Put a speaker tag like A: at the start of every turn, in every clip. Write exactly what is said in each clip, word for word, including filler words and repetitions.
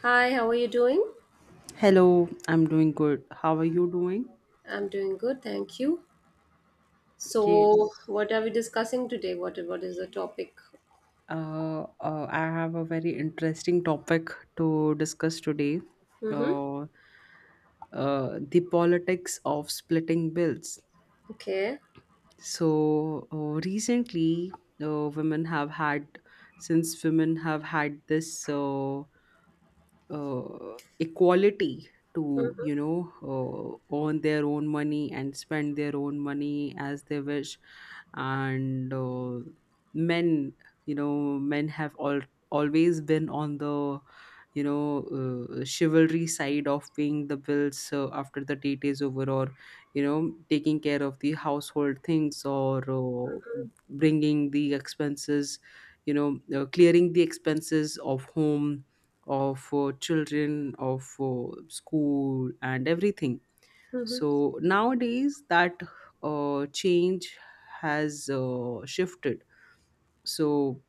A: Hi, how are you doing?
B: Hello, I'm doing good. How are you doing?
A: I'm doing good, thank you. So,
B: Yes.
A: what are we discussing today? What what is the topic?
B: Uh, uh, I have a very interesting topic to discuss today.
A: Mm-hmm.
B: Uh, uh, the politics of splitting bills.
A: Okay.
B: So uh, recently, uh, women have had since women have had this. Uh, uh, equality to you know uh, earn their own money and spend their own money as they wish, and uh, men you know men have all always been on the you know uh, chivalry side of paying the bills uh, after the date is over, or you know taking care of the household things, or uh,
A: Mm-hmm.
B: bringing the expenses, you know uh, clearing the expenses of home, of uh, children, of uh, school and everything. So nowadays that uh, change has uh, shifted. So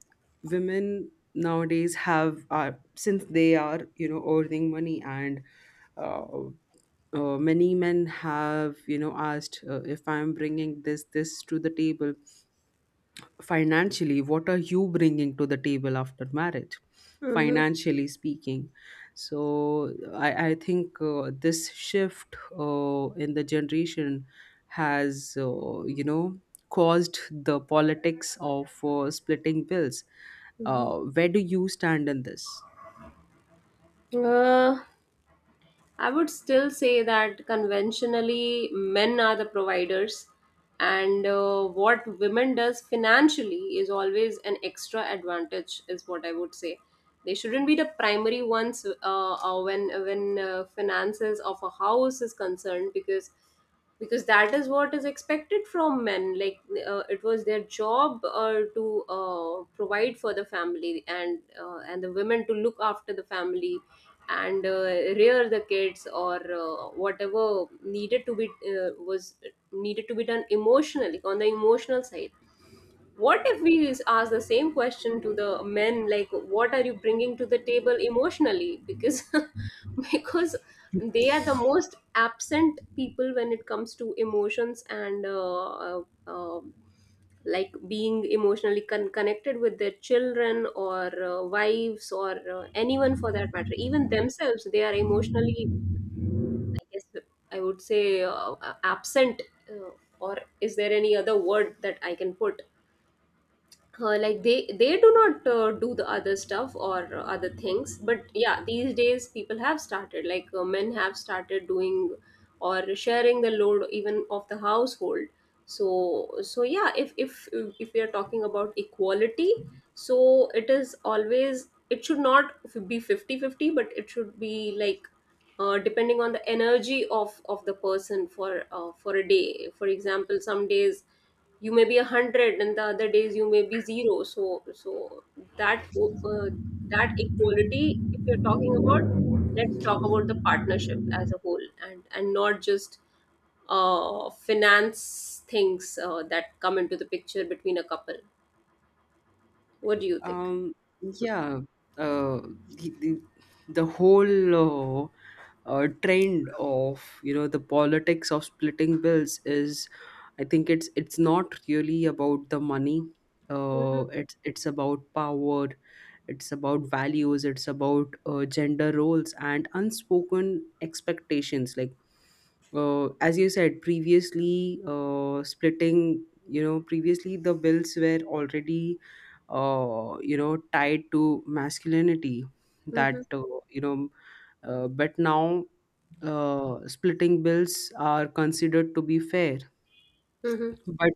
B: women nowadays have are, since they are you know earning money, and uh, uh, many men have you know asked, uh, if I'm bringing this this to the table financially, what are you bringing to the table after marriage,
A: Mm-hmm.
B: financially speaking? So i, I think uh, this shift uh, in the generation has, uh, you know caused the politics of uh, splitting bills.
A: Mm-hmm.
B: Uh, where do you stand in this?
A: Uh, I would still say that conventionally men are the providers, and uh, what women does financially is always an extra advantage, is what I would say. They shouldn't be the primary ones uh, uh, when when uh, finances of a house is concerned, because because that is what is expected from men, like, uh, it was their job uh, to uh, provide for the family, and uh, and the women to look after the family and uh, rear the kids or uh, whatever needed to be uh, was needed to be done emotionally, on the emotional side. What if we s- ask the same question to the men, like, what are you bringing to the table emotionally? Because, because they are the most absent people when it comes to emotions, and uh, uh, um, like being emotionally con- connected with their children or uh, wives or uh, anyone for that matter, even themselves. They are emotionally, I guess, I would say, uh, absent, uh, or is there any other word that I can put? Uh, like they they do not uh, do the other stuff or uh, other things, but yeah, these days people have started, like, uh, men have started doing or sharing the load even of the household. So so yeah, if if if we are talking about equality, so it is always, it should not be fifty fifty, but it should be like, uh, depending on the energy of of the person, for uh, for a day, for example. Some days you may be a hundred and the other days you may be zero, so so that, uh, that equality, if you're talking about, let's talk about the partnership as a whole, and and not just uh, finance things uh, that come into the picture between a couple. What do you think?
B: Um, yeah. uh, the, the the whole uh, uh, trend of you know the politics of splitting bills is, I think it's it's not really about the money. Uh, it's it's about power. It's about values. It's about uh, gender roles and unspoken expectations. Like, uh, as you said previously, uh, splitting. You know, previously the bills were already uh, you know tied to masculinity.
A: Mm-hmm.
B: That uh, you know uh, But now, uh, splitting bills are considered to be fair,
A: Mm-hmm.
B: but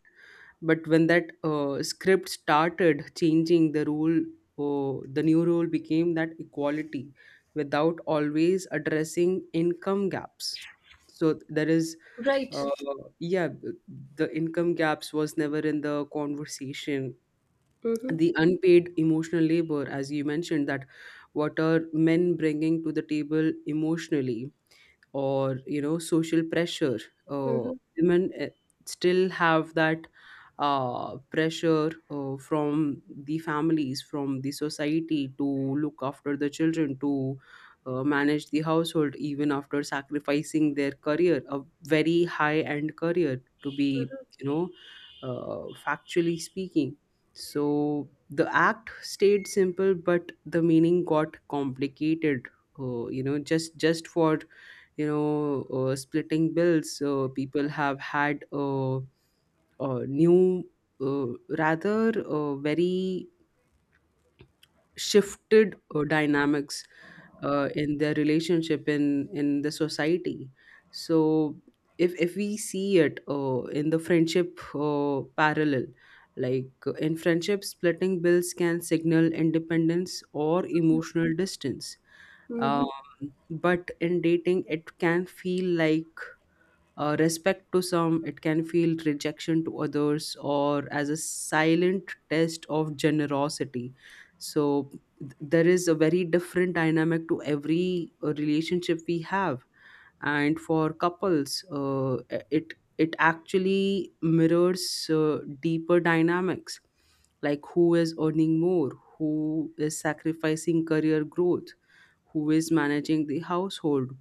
B: but when that uh, script started changing the rule, uh, the new rule became that equality without always addressing income gaps. So there is,
A: Right.
B: uh, yeah, the income gaps was never in the conversation.
A: Mm-hmm.
B: The unpaid emotional labor, as you mentioned, that what are men bringing to the table emotionally, or you know social pressure. uh,
A: Mm-hmm.
B: Women eh, still have that uh, pressure uh, from the families, from the society, to look after the children, to uh, manage the household, even after sacrificing their career, a very high end career, to be, you know uh, factually speaking. So the act stayed simple but the meaning got complicated. Uh, you know just just for you know uh, splitting bills, uh, people have had uh, uh, new, uh, rather, uh, very shifted uh, dynamics uh, in their relationship, in in the society. So if if we see it, uh, in the friendship uh, parallel, like, uh, in friendship, splitting bills can signal independence or
A: Mm-hmm.
B: emotional distance. um, but in dating it can feel like Uh, respect to some, it can feel rejection to others, or as a silent test of generosity. So, th- there is a very different dynamic to every uh, relationship we have. And for couples, uh, it it actually mirrors uh, deeper dynamics, like who is earning more, who is sacrificing career growth, who is managing the household,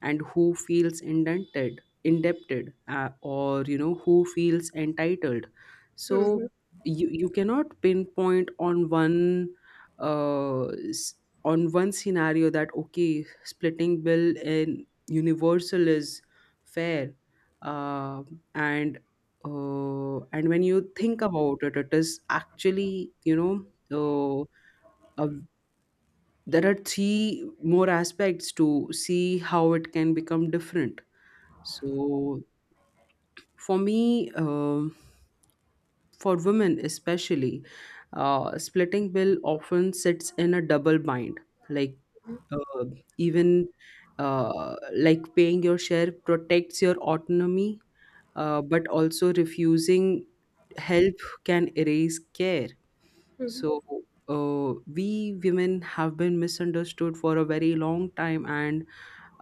B: and who feels indented indebted, uh, or you know who feels entitled. So
A: Mm-hmm.
B: you, you cannot pinpoint on one, uh, s- on one scenario that okay, splitting bill in universal is fair. uh, and uh, and when you think about it, it is actually, you know uh, a there are three more aspects to see how it can become different. So for me, um for women especially, uh, splitting bill often sits in a double bind, like,
A: Mm-hmm.
B: uh, even uh, like paying your share protects your autonomy, uh, but also refusing help can erase care.
A: Mm-hmm.
B: So uh, we women have been misunderstood for a very long time, and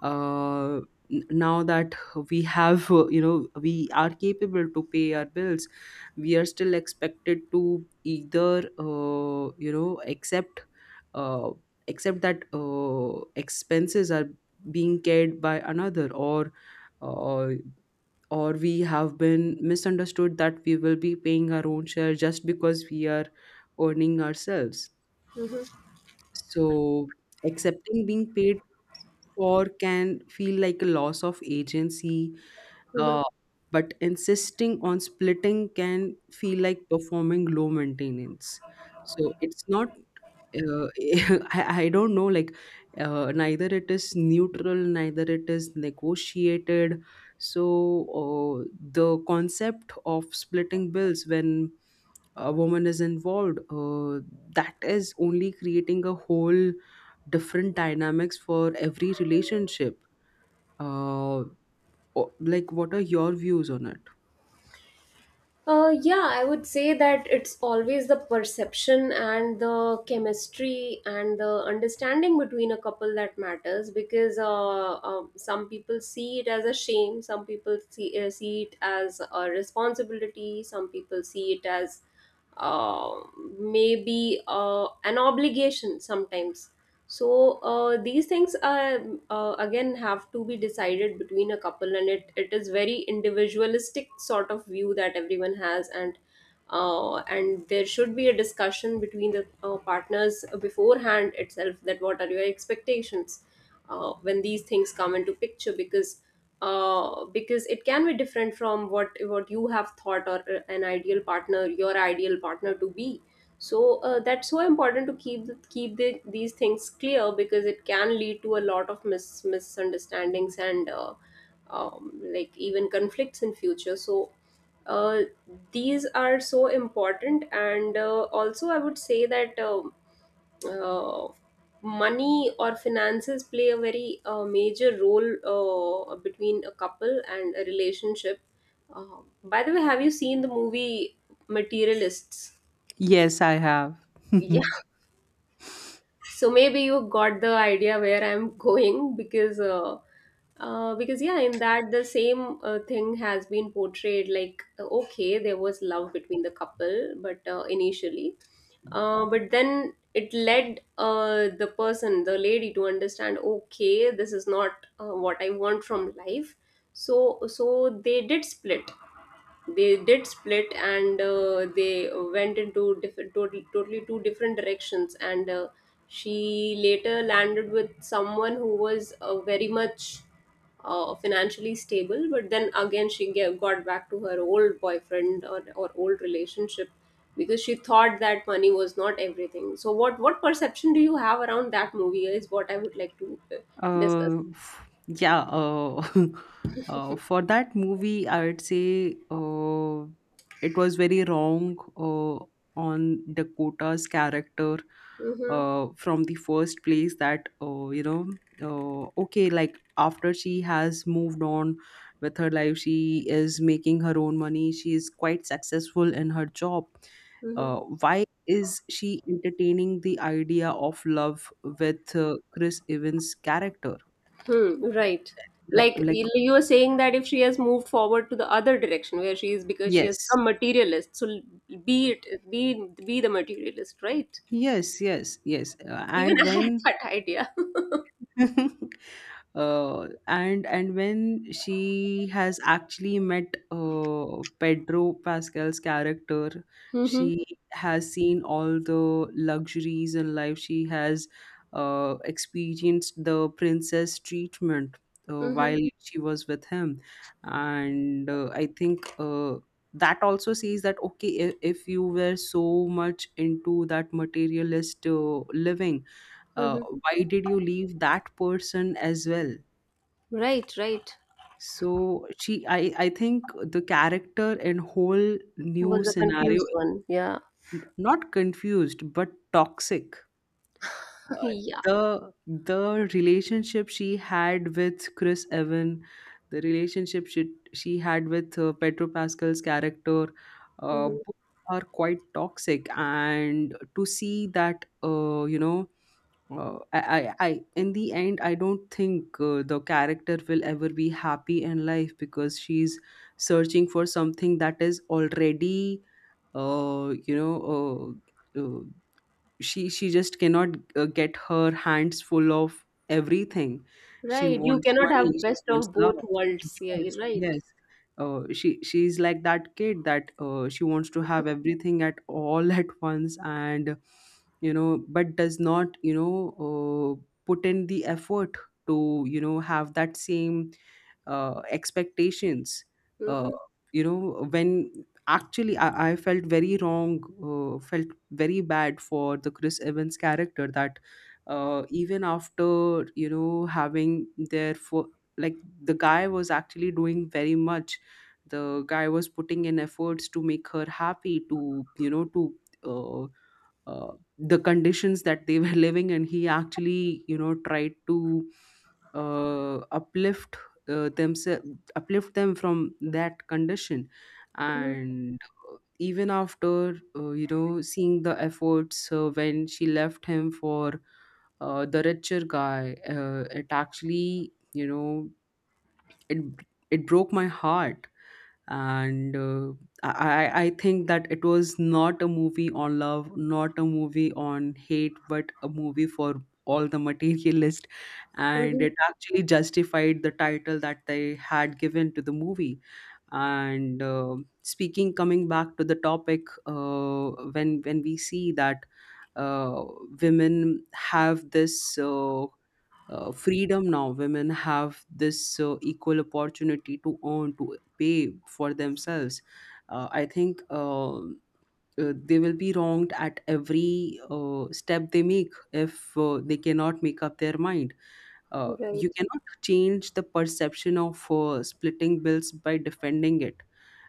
B: uh, n- now that we have, uh, you know we are capable to pay our bills. We are still expected to either uh, you know accept uh, accept that uh, expenses are being carried by another, or uh, or we have been misunderstood that we will be paying our own share, just because we are earning ourselves. So accepting being paid for can feel like a loss of agency,
A: Mm-hmm.
B: uh, but insisting on splitting can feel like performing low maintenance. So it's not. Uh, I, I don't know. Like, uh, neither it is neutral, neither it is negotiated. So uh, the concept of splitting bills, when a woman is involved, uh, that is only creating a whole different dynamics for every relationship. uh, o- like, what are your views on it?
A: Uh, yeah, I would say that it's always the perception and the chemistry and the understanding between a couple that matters, because uh, um, some people see it as a shame, some people see, uh, see it as a responsibility, some people see it as uh, maybe uh, an obligation sometimes. So uh, these things uh, uh, again have to be decided between a couple, and it, it is very individualistic sort of view that everyone has. And uh, and there should be a discussion between the uh, partners beforehand itself, that what are your expectations uh, when these things come into picture, because uh, because it can be different from what what you have thought, or uh, an ideal partner your ideal partner to be. So uh, that's so important to keep the, keep the, these things clear, because it can lead to a lot of mis- misunderstandings and uh, um, like even conflicts in future, so uh, these are so important. And uh, also I would say that um, uh, money or finances play a very uh, major role uh, between a couple and a relationship. Uh, by the way, have you seen the movie Materialists?
B: Yes, I have.
A: Yeah. So maybe you got the idea where I'm going, because uh, uh, because yeah, in that the same uh, thing has been portrayed, like, uh, okay, there was love between the couple, but uh, initially, uh, but then it led, uh, the person the lady, to understand, okay, this is not uh, what I want from life. So so they did split they did split, and uh, they went into different, totally, totally two different directions, and uh, she later landed with someone who was uh, very much uh, financially stable, but then again she ga- got back to her old boyfriend, or, or old relationship, because she thought that money was not everything. So what what perception do you have around that movie is what I would like to uh, discuss.
B: Uh, f- yeah. Uh, uh, for that movie, I would say, uh, it was very wrong, uh, on Dakota's character,
A: Mm-hmm.
B: uh, from the first place, that, uh, you know, uh, okay, like after she has moved on with her life, she is making her own money, she is quite successful in her job.
A: Mm-hmm.
B: Uh, why is she entertaining the idea of love with uh, Chris Evans' character?
A: Hmm, right.
B: Like,
A: Like
B: like
A: you you were saying that if she has moved forward to the other direction where she is because she has
B: yes,
A: become materialist, so l- be it be be the materialist, right?
B: yes, yes, yes. Uh,
A: Even
B: and
A: I had
B: when
A: that idea.
B: uh, and and when she has actually met uh, Pedro Pascal's character,
A: Mm-hmm.
B: she has seen all the luxuries in life. She has uh, experienced the princess treatment uh,
A: Mm-hmm.
B: while she was with him, and uh, I think. Uh, that also says that okay, if, if you were so much into that materialist uh, living, uh,
A: Mm-hmm.
B: why did you leave that person as well?
A: Right, right.
B: So she, I, I think the character and whole new
A: Was a
B: scenario,
A: confused one. Yeah.
B: n- not confused, but toxic. Uh,
A: Yeah.
B: the the relationship she had with Chris Evan, the relationship she she had with uh, Pedro Pascal's character, uh,
A: Hmm.
B: both are quite toxic. And to see that, uh, you know, uh, I, I, I, in the end, I don't think uh, the character will ever be happy in life, because she's searching for something that is already, uh, you know, uh, uh, she she just cannot uh, get her hands full of everything. She
A: Right. You
B: wants
A: cannot
B: money,
A: have
B: she
A: best
B: wants
A: of
B: love.
A: both worlds. Yeah,
B: Yes,
A: you're right.
B: yes. uh, she she's like that kid that uh, she wants to have everything at all at once, and you know but does not, you know uh, put in the effort to you know have that same uh, expectations. uh,
A: Mm-hmm.
B: you know when actually I, I felt very wrong, uh, felt very bad for the Chris Evans character, that uh, even after you know having their for, like, the guy was actually doing very much. The guy was putting in efforts to make her happy, to you know to uh, uh, the conditions that they were living in, he actually you know tried to uh, uplift, uh, themselves uplift them from that condition.
A: Mm-hmm.
B: And uh, even after uh, you know seeing the efforts, uh, when she left him for uh, the richer guy, uh, it actually, you know it it broke my heart. And uh, I, I I think that it was not a movie on love, not a movie on hate, but a movie for all the materialist, and
A: Mm-hmm.
B: it actually justified the title that they had given to the movie. And uh, speaking coming back to the topic, uh, when when we see that uh, women have this uh, uh, freedom. Now women have this uh, equal opportunity to earn, to pay for themselves. uh, I think, uh, uh, they will be wronged at every uh, step they make, if uh, they cannot make up their mind. Uh, you
A: Right.
B: cannot change the perception of uh, splitting bills by defending it.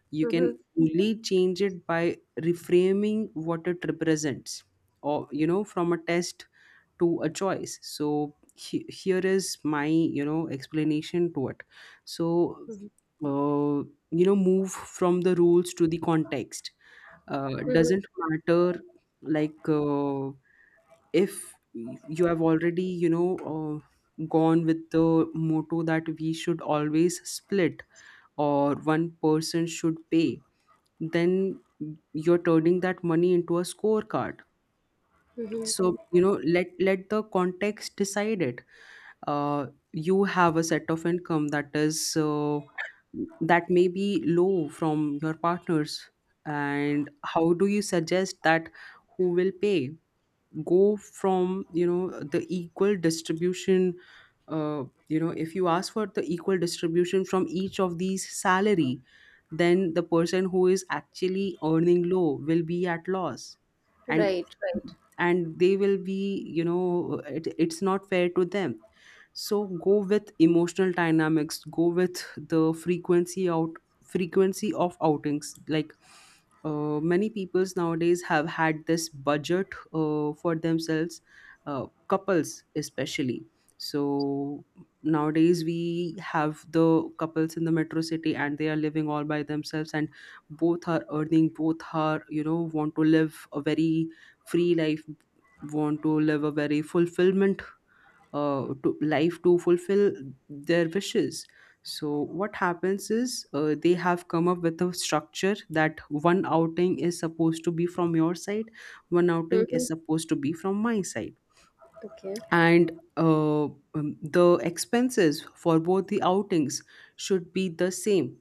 B: You
A: Mm-hmm.
B: can only change it by reframing what it represents, or you know from a test to a choice. So, he- here is my you know explanation to it. So,
A: Mm-hmm.
B: uh, you know move from the rules to the context. Uh,
A: Mm-hmm.
B: doesn't matter. Like, uh, if you have already, you know uh, gone with the motto that we should always split, or one person should pay, then you're turning that money into a scorecard.
A: Mm-hmm.
B: So, you know let let the context decide it. uh, you have a set of income that is, uh, that may be low from your partners, and how do you suggest that, who will pay? Go from, you know the equal distribution. Uh, you know if you ask for the equal distribution from each of these salary, then the person who is actually earning low will be at loss, and
A: Right, right.
B: and they will be, you know it, it's not fair to them. So go with emotional dynamics, go with the frequency, out frequency of outings, like, uh, many peoples nowadays have had this budget uh, for themselves, uh, couples especially. So nowadays we have the couples in the metro city, and they are living all by themselves, and both are earning, both are, you know, want to live a very free life, want to live a very fulfillment uh, to life to fulfill their wishes. So what happens is uh, they have come up with a structure that one outing is supposed to be from your side, one outing
A: Mm-hmm.
B: is supposed to be from my side
A: Okay.
B: and uh, um, the expenses for both the outings should be the same.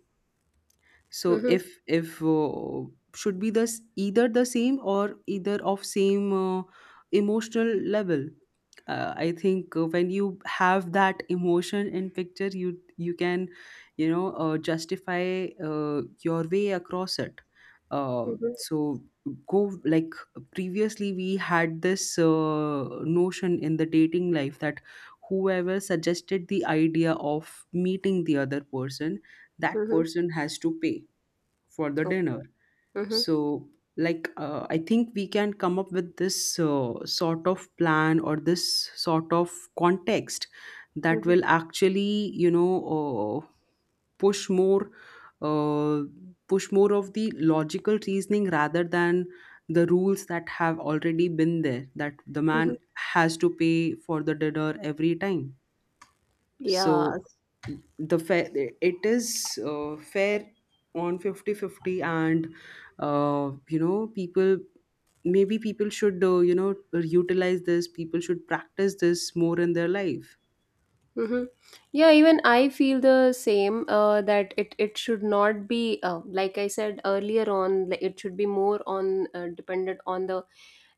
B: So
A: Mm-hmm.
B: if if uh, should be this either the same or either of same uh, emotional level. uh, I think uh, when you have that emotion in picture you you can, you know, uh, justify uh, your way across it. uh,
A: Mhm,
B: so go like, previously we had this uh, notion in the dating life that whoever suggested the idea of meeting the other person, that
A: mhm.
B: person has to pay for the dinner.
A: Okay. Mhm,
B: So like, uh, I think we can come up with this uh, sort of plan or this sort of context that
A: mhm,
B: will actually, you know, uh, push more, uh, push more of the logical reasoning rather than the rules that have already been there, that the
A: mhm.
B: man has to pay for the dinner every time.
A: Yeah.
B: So the fair, it is uh, fair on fifty fifty, and uh, you know people, maybe people should, uh, you know, utilize this, people should practice this more in their life.
A: Mm-hmm. Yeah, even I feel the same, uh, that it, it should not be, uh, like I said earlier on, like, it should be more on, uh, dependent on the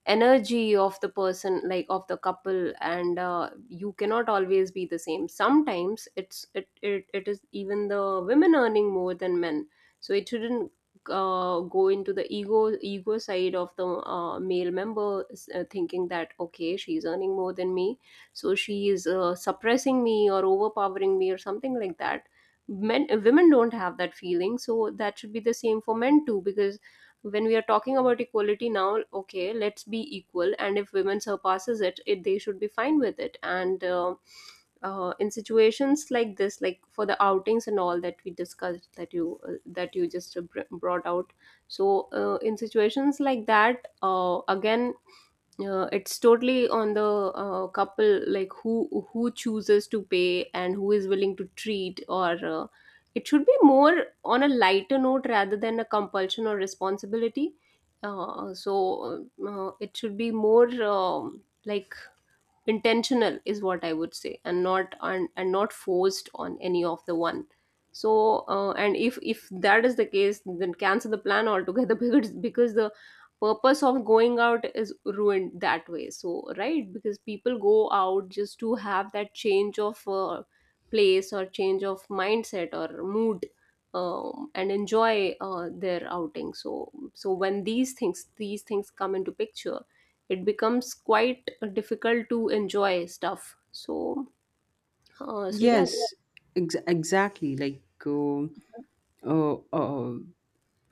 A: energy of the person, like of the couple, and uh, you cannot always be the same. Sometimes it's it, it, it is even the women earning more than men, so it shouldn't uh, go into the ego ego side of the uh, male member, uh, thinking that okay, she's earning more than me, so she is uh, suppressing me or overpowering me or something like that. Men, women don't have that feeling, so that should be the same for men too, because when we are talking about equality now, okay, let's be equal, and if women surpasses it, it they should be fine with it. And uh, uh, in situations like this, like for the outings and all that we discussed, that you, uh, that you just uh, br- brought out, so uh, in situations like that, uh, again, uh, it's totally on the uh, couple, like who who chooses to pay and who is willing to treat, or uh, it should be more on a lighter note rather than a compulsion or responsibility. Uh, so uh, it should be more, um like intentional is what I would say, and not and, and not forced on any of the one. So uh, and if if that is the case, then cancel the plan altogether because because the purpose of going out is ruined that way, so right, because people go out just to have that change of uh, place or change of mindset or mood, um, and enjoy uh, their outing. So so when these things these things come into picture, it becomes quite difficult to enjoy stuff, so uh, so yeah, that-
B: Yes, ex- exactly. Like, uh, uh, uh,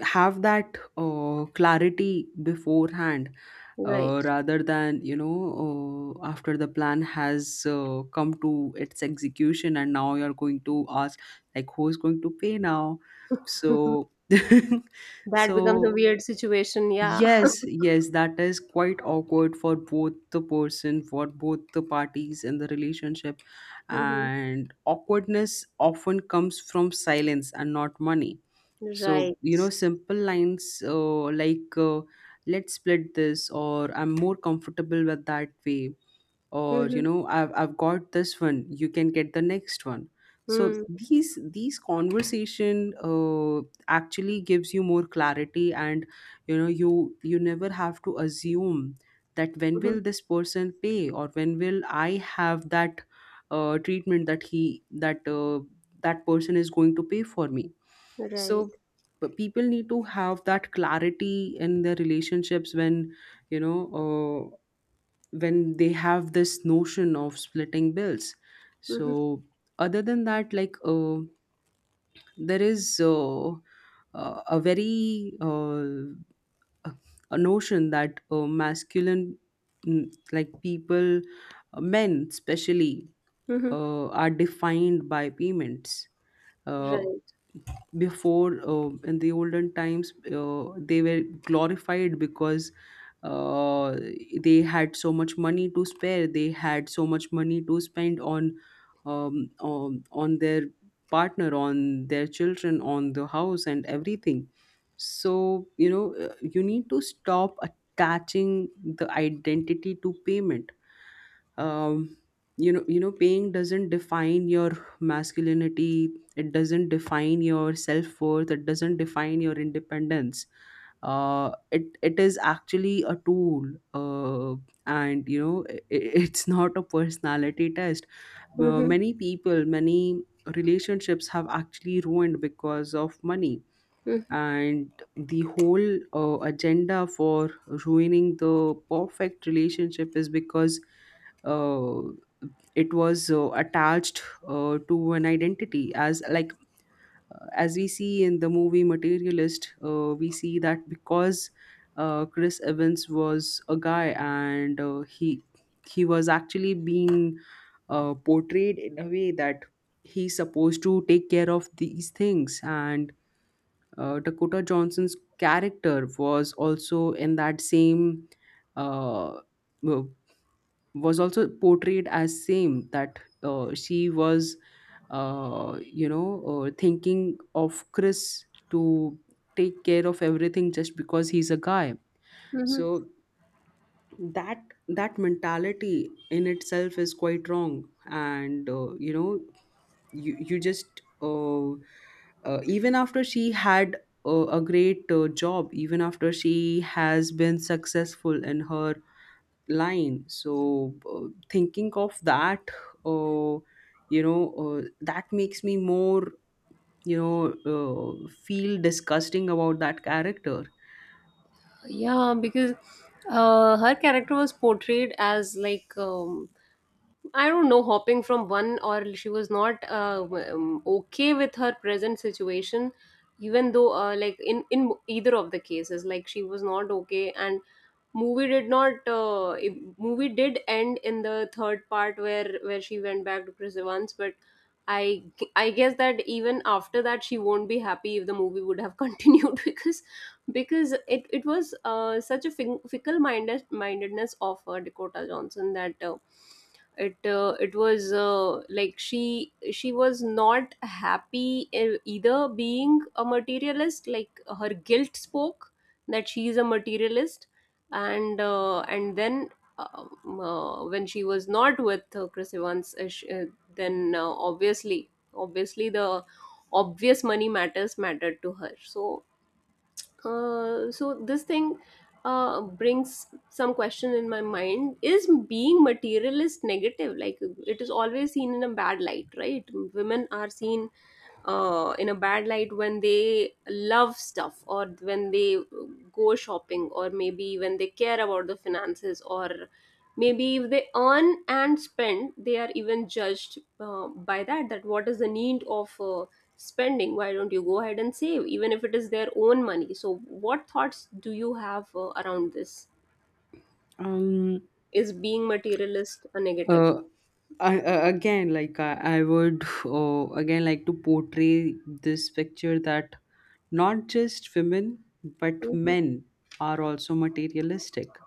B: have that uh, clarity beforehand,
A: right.
B: uh, rather than, you know, uh, after the plan has uh, come to its execution and now you're going to ask, like, who's going to pay now? So,
A: That becomes a
B: so
A: weird situation, yeah.
B: yes, yes, that is quite awkward for both the person, for both the parties in the relationship.
A: Hmm.
B: And awkwardness often comes from silence and not money. So,
A: Right.
B: you know, simple lines uh, like, uh, let's split this, or I'm more comfortable with that way, or you
A: Mm-hmm.
B: know i've i've got this one, you can get the next one. So
A: Mm-hmm.
B: these these conversation uh, actually gives you more clarity, and you know you you never have to assume that when
A: Mm-hmm.
B: will this person pay or when will I have that uh, treatment that he that uh, that person is going to pay for me. So
A: Right.
B: but people need to have that clarity in their relationships when, you know, uh, when they have this notion of splitting bills.
A: Mm-hmm.
B: So other than that, like, uh, there is uh, uh, a very uh, a notion that uh, masculine, mm, like people, uh, men especially
A: Mm-hmm.
B: uh, are defined by payments. uh,
A: Right.
B: Before, uh, in the olden times, uh, they were glorified because uh, they had so much money to spare, they had so much money to spend on um, um, on their partner, on their children, on the house and everything. So you know, uh, you need to stop attaching the identity to payment. um, you know, you know paying doesn't define your masculinity, it doesn't define your self-worth, it doesn't define your independence. Uh, it it is actually a tool, uh, and you know i i- it's not a personality test. Uh,
A: Mm-hmm.
B: many people, many relationships have actually ruined because of money.
A: Mm-hmm.
B: And the whole uh, agenda for ruining the perfect relationship is because uh, it was uh, attached uh, to an identity, as like, uh, as we see in the movie Materialist, uh, we see that because uh, Chris Evans was a guy, and uh, he he was actually being uh, portrayed in a way that he's supposed to take care of these things. And uh, Dakota Johnson's character was also in that same uh, w- was also portrayed as same, that uh, she was, uh, you know, uh, thinking of Chris to take care of everything just because he's a guy.
A: Mm-hmm.
B: So that, that mentality in itself is quite wrong, and uh, you know you you just uh, uh, even after she had uh, a great uh, job, even after she has been successful in her line, so uh, thinking of that, uh, you know, uh, that makes me more, you know, uh, feel disgusting about that character.
A: Yeah, because uh, her character was portrayed as like, um, I don't know, hopping from one, or she was not uh, um, okay with her present situation, even though uh, like in in either of the cases, like she was not okay. And movie did not, uh, if- movie did end in the third part where where she went back to Chris Evans, but I I guess that even after that she won't be happy if the movie would have continued, because because it it was uh, such a fin- fickle minded mindedness of uh, Dakota Johnson that. Uh, it uh, it was uh, like she she was not happy, e- either being a materialist, like her guilt spoke that she is a materialist. And uh, and then um, uh, when she was not with uh, Chris Evans, uh, sh- uh, then uh, obviously, obviously the obvious, money matters mattered to her. So uh, so this thing uh, brings some question in my mind. Is being materialist negative, like, it is always seen in a bad light, right? Women are seen uh, in a bad light when they love stuff, or when they go shopping, or maybe when they care about the finances, or maybe if they earn and spend they are even judged, uh, by that, that what is the need of uh, spending, why don't you go ahead and save, even if it is their own money. So what thoughts do you have uh, around this?
B: um
A: Is being materialist a negative?
B: uh, I, uh, Again, like I, I would, uh, again, like to portray this picture that not just women but
A: Mhm.
B: men are also materialistic.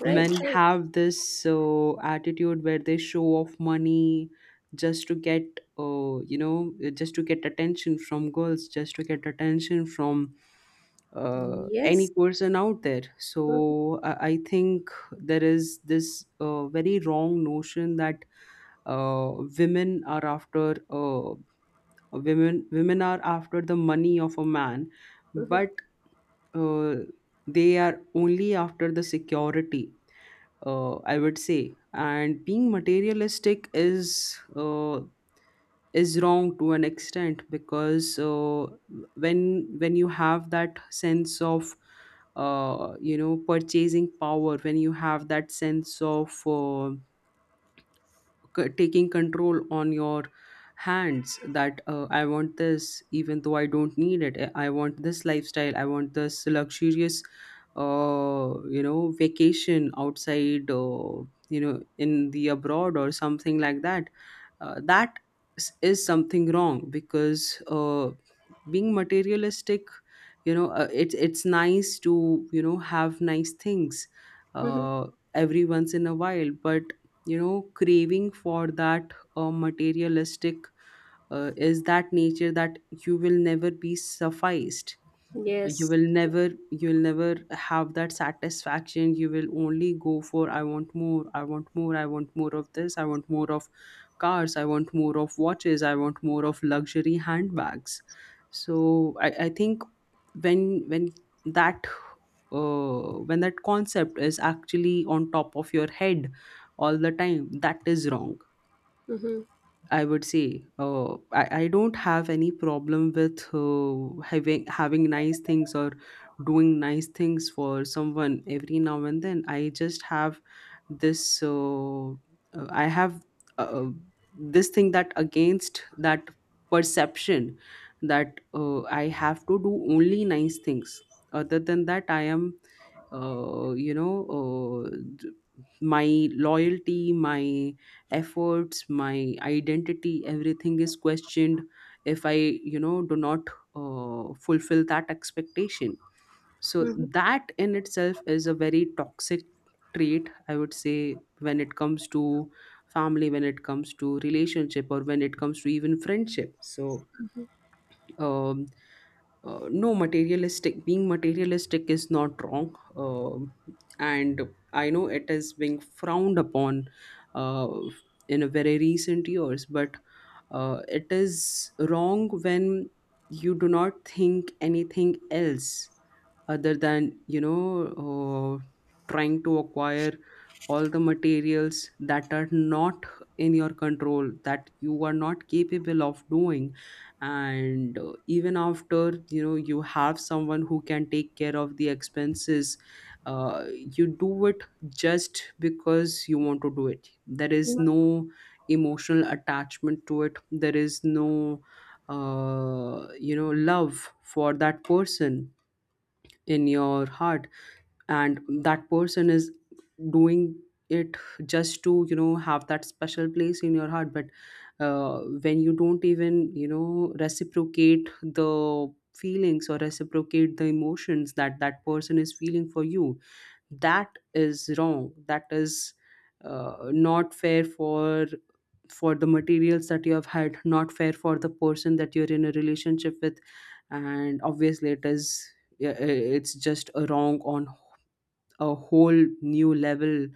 A: Right,
B: Men
A: sure.
B: have this uh, attitude where they show off money just to get, uh, you know, just to get attention from girls, just to get attention from uh, any
A: Yes.
B: person out there.
A: Mhm.
B: So I, I think there is this uh, very wrong notion that uh, women are after, uh, women women are after the money of a man,
A: Mhm.
B: but uh, they are only after the security, uh, I would say. And being materialistic is, uh, is wrong to an extent because uh, when when you have that sense of, uh, you know, purchasing power, when you have that sense of, uh, c- taking control on your hands, that uh, I want this even though I don't need it, i I want this lifestyle, I want this luxurious, uh, you know, vacation outside, uh, you know, in the abroad or something like that. Uh, that s- is something wrong because, uh, being materialistic, you know, uh, it's it's nice to, you know, have nice things
A: Mhm.
B: uh, every once in a while. But you know, craving for that, uh, materialistic, uh, is that nature that you will never be sufficed, you
A: Yes.
B: will never, you'll never have that satisfaction, you will only go for I want more, I want more, I want more of this, I want more of cars, I want more of watches, I want more of luxury handbags. So i, I think when when that, uh, when that concept is actually on top of your head all the time, that is wrong,
A: Mhm.
B: I would say. uh, I, I don't have any problem with, uh, having having nice things or doing nice things for someone every now and then. I just have this uh, uh, I have uh, uh, this thing that against that perception that uh, I have to do only nice things. Other than that, I am, uh, you know, uh, d- my loyalty, my efforts, my identity, everything is questioned if I, you know, do not uh, fulfill that expectation. So that in itself is a very toxic trait, I would say, when it comes to family, when it comes to relationship, or when it comes to even friendship. So, um, uh, no, materialistic being materialistic is not wrong. Um and I know it is being frowned upon uh, in a very recent years, but uh, it is wrong when you do not think anything else other than, you know, uh, trying to acquire all the materials that are not in your control, that you are not capable of doing. And uh, even after, you know, you have someone who can take care of the expenses, uh, you do it just because you want to do it. There is no emotional attachment to it, there is no, uh, you know, love for that person in your heart, and that person is doing it just to, you know, have that special place in your heart. But uh, when you don't even, you know, reciprocate the feelings or reciprocate the emotions that that person is feeling for you, that is wrong, that is, uh, not fair for for the materials that you have had, not fair for the person that you're in a relationship with. And obviously it is, yeah, i- it's just a wrong on a whole new level,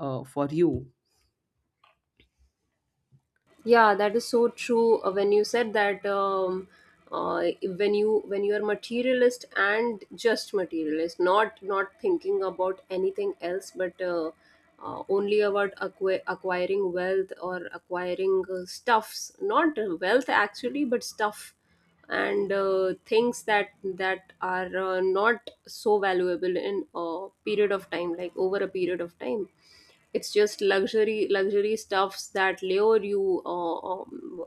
B: uh, for you.
A: Yeah, that is so true. Uh, when you said that, um, uh, when you when you are materialist and just materialist, not not thinking about anything else but uh, uh, only about acqui- acquiring wealth, or acquiring uh, stuffs, not uh, wealth actually but stuff, and uh, things that that are uh, not so valuable in a period of time, like over a period of time. It's just luxury luxury stuffs that lure you uh, um,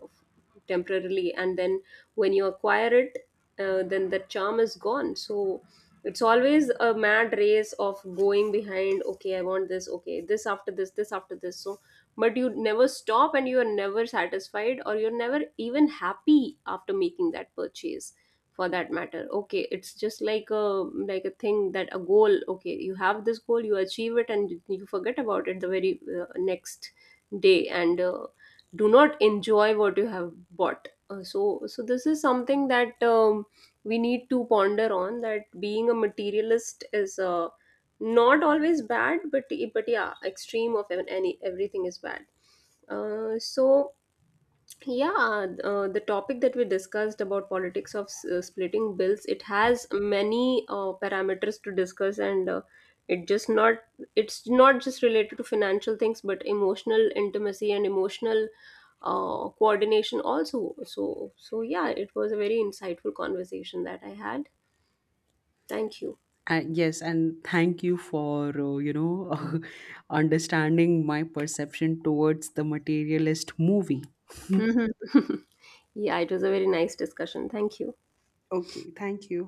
A: temporarily, and then when you acquire it, uh, then the charm is gone, so it's always a mad race of going behind, okay I want this, okay this after this, this after this. So but you never stop, and you are never satisfied, or you're never even happy after making that purchase, for that matter. Okay, it's just like a, like a thing, that a goal. Okay, you have this goal, you achieve it and you forget about it the very uh, next day, and uh, do not enjoy what you have bought, uh, so so this is something that um, we need to ponder on, that being a materialist is uh, not always bad, but but yeah, extreme of an- any everything is bad, uh, so yeah, uh, the topic that we discussed about politics of s- uh, splitting bills, it has many uh, parameters to discuss, and uh, it just not it's not just related to financial things, but emotional intimacy and emotional uh, coordination also. So, so yeah, it was a very insightful conversation that I had. Thank you.
B: And yes, and thank you for, uh, you know, understanding my perception towards the Materialist movie.
A: Yeah, it was a very nice discussion. Thank you.
B: Okay, thank you.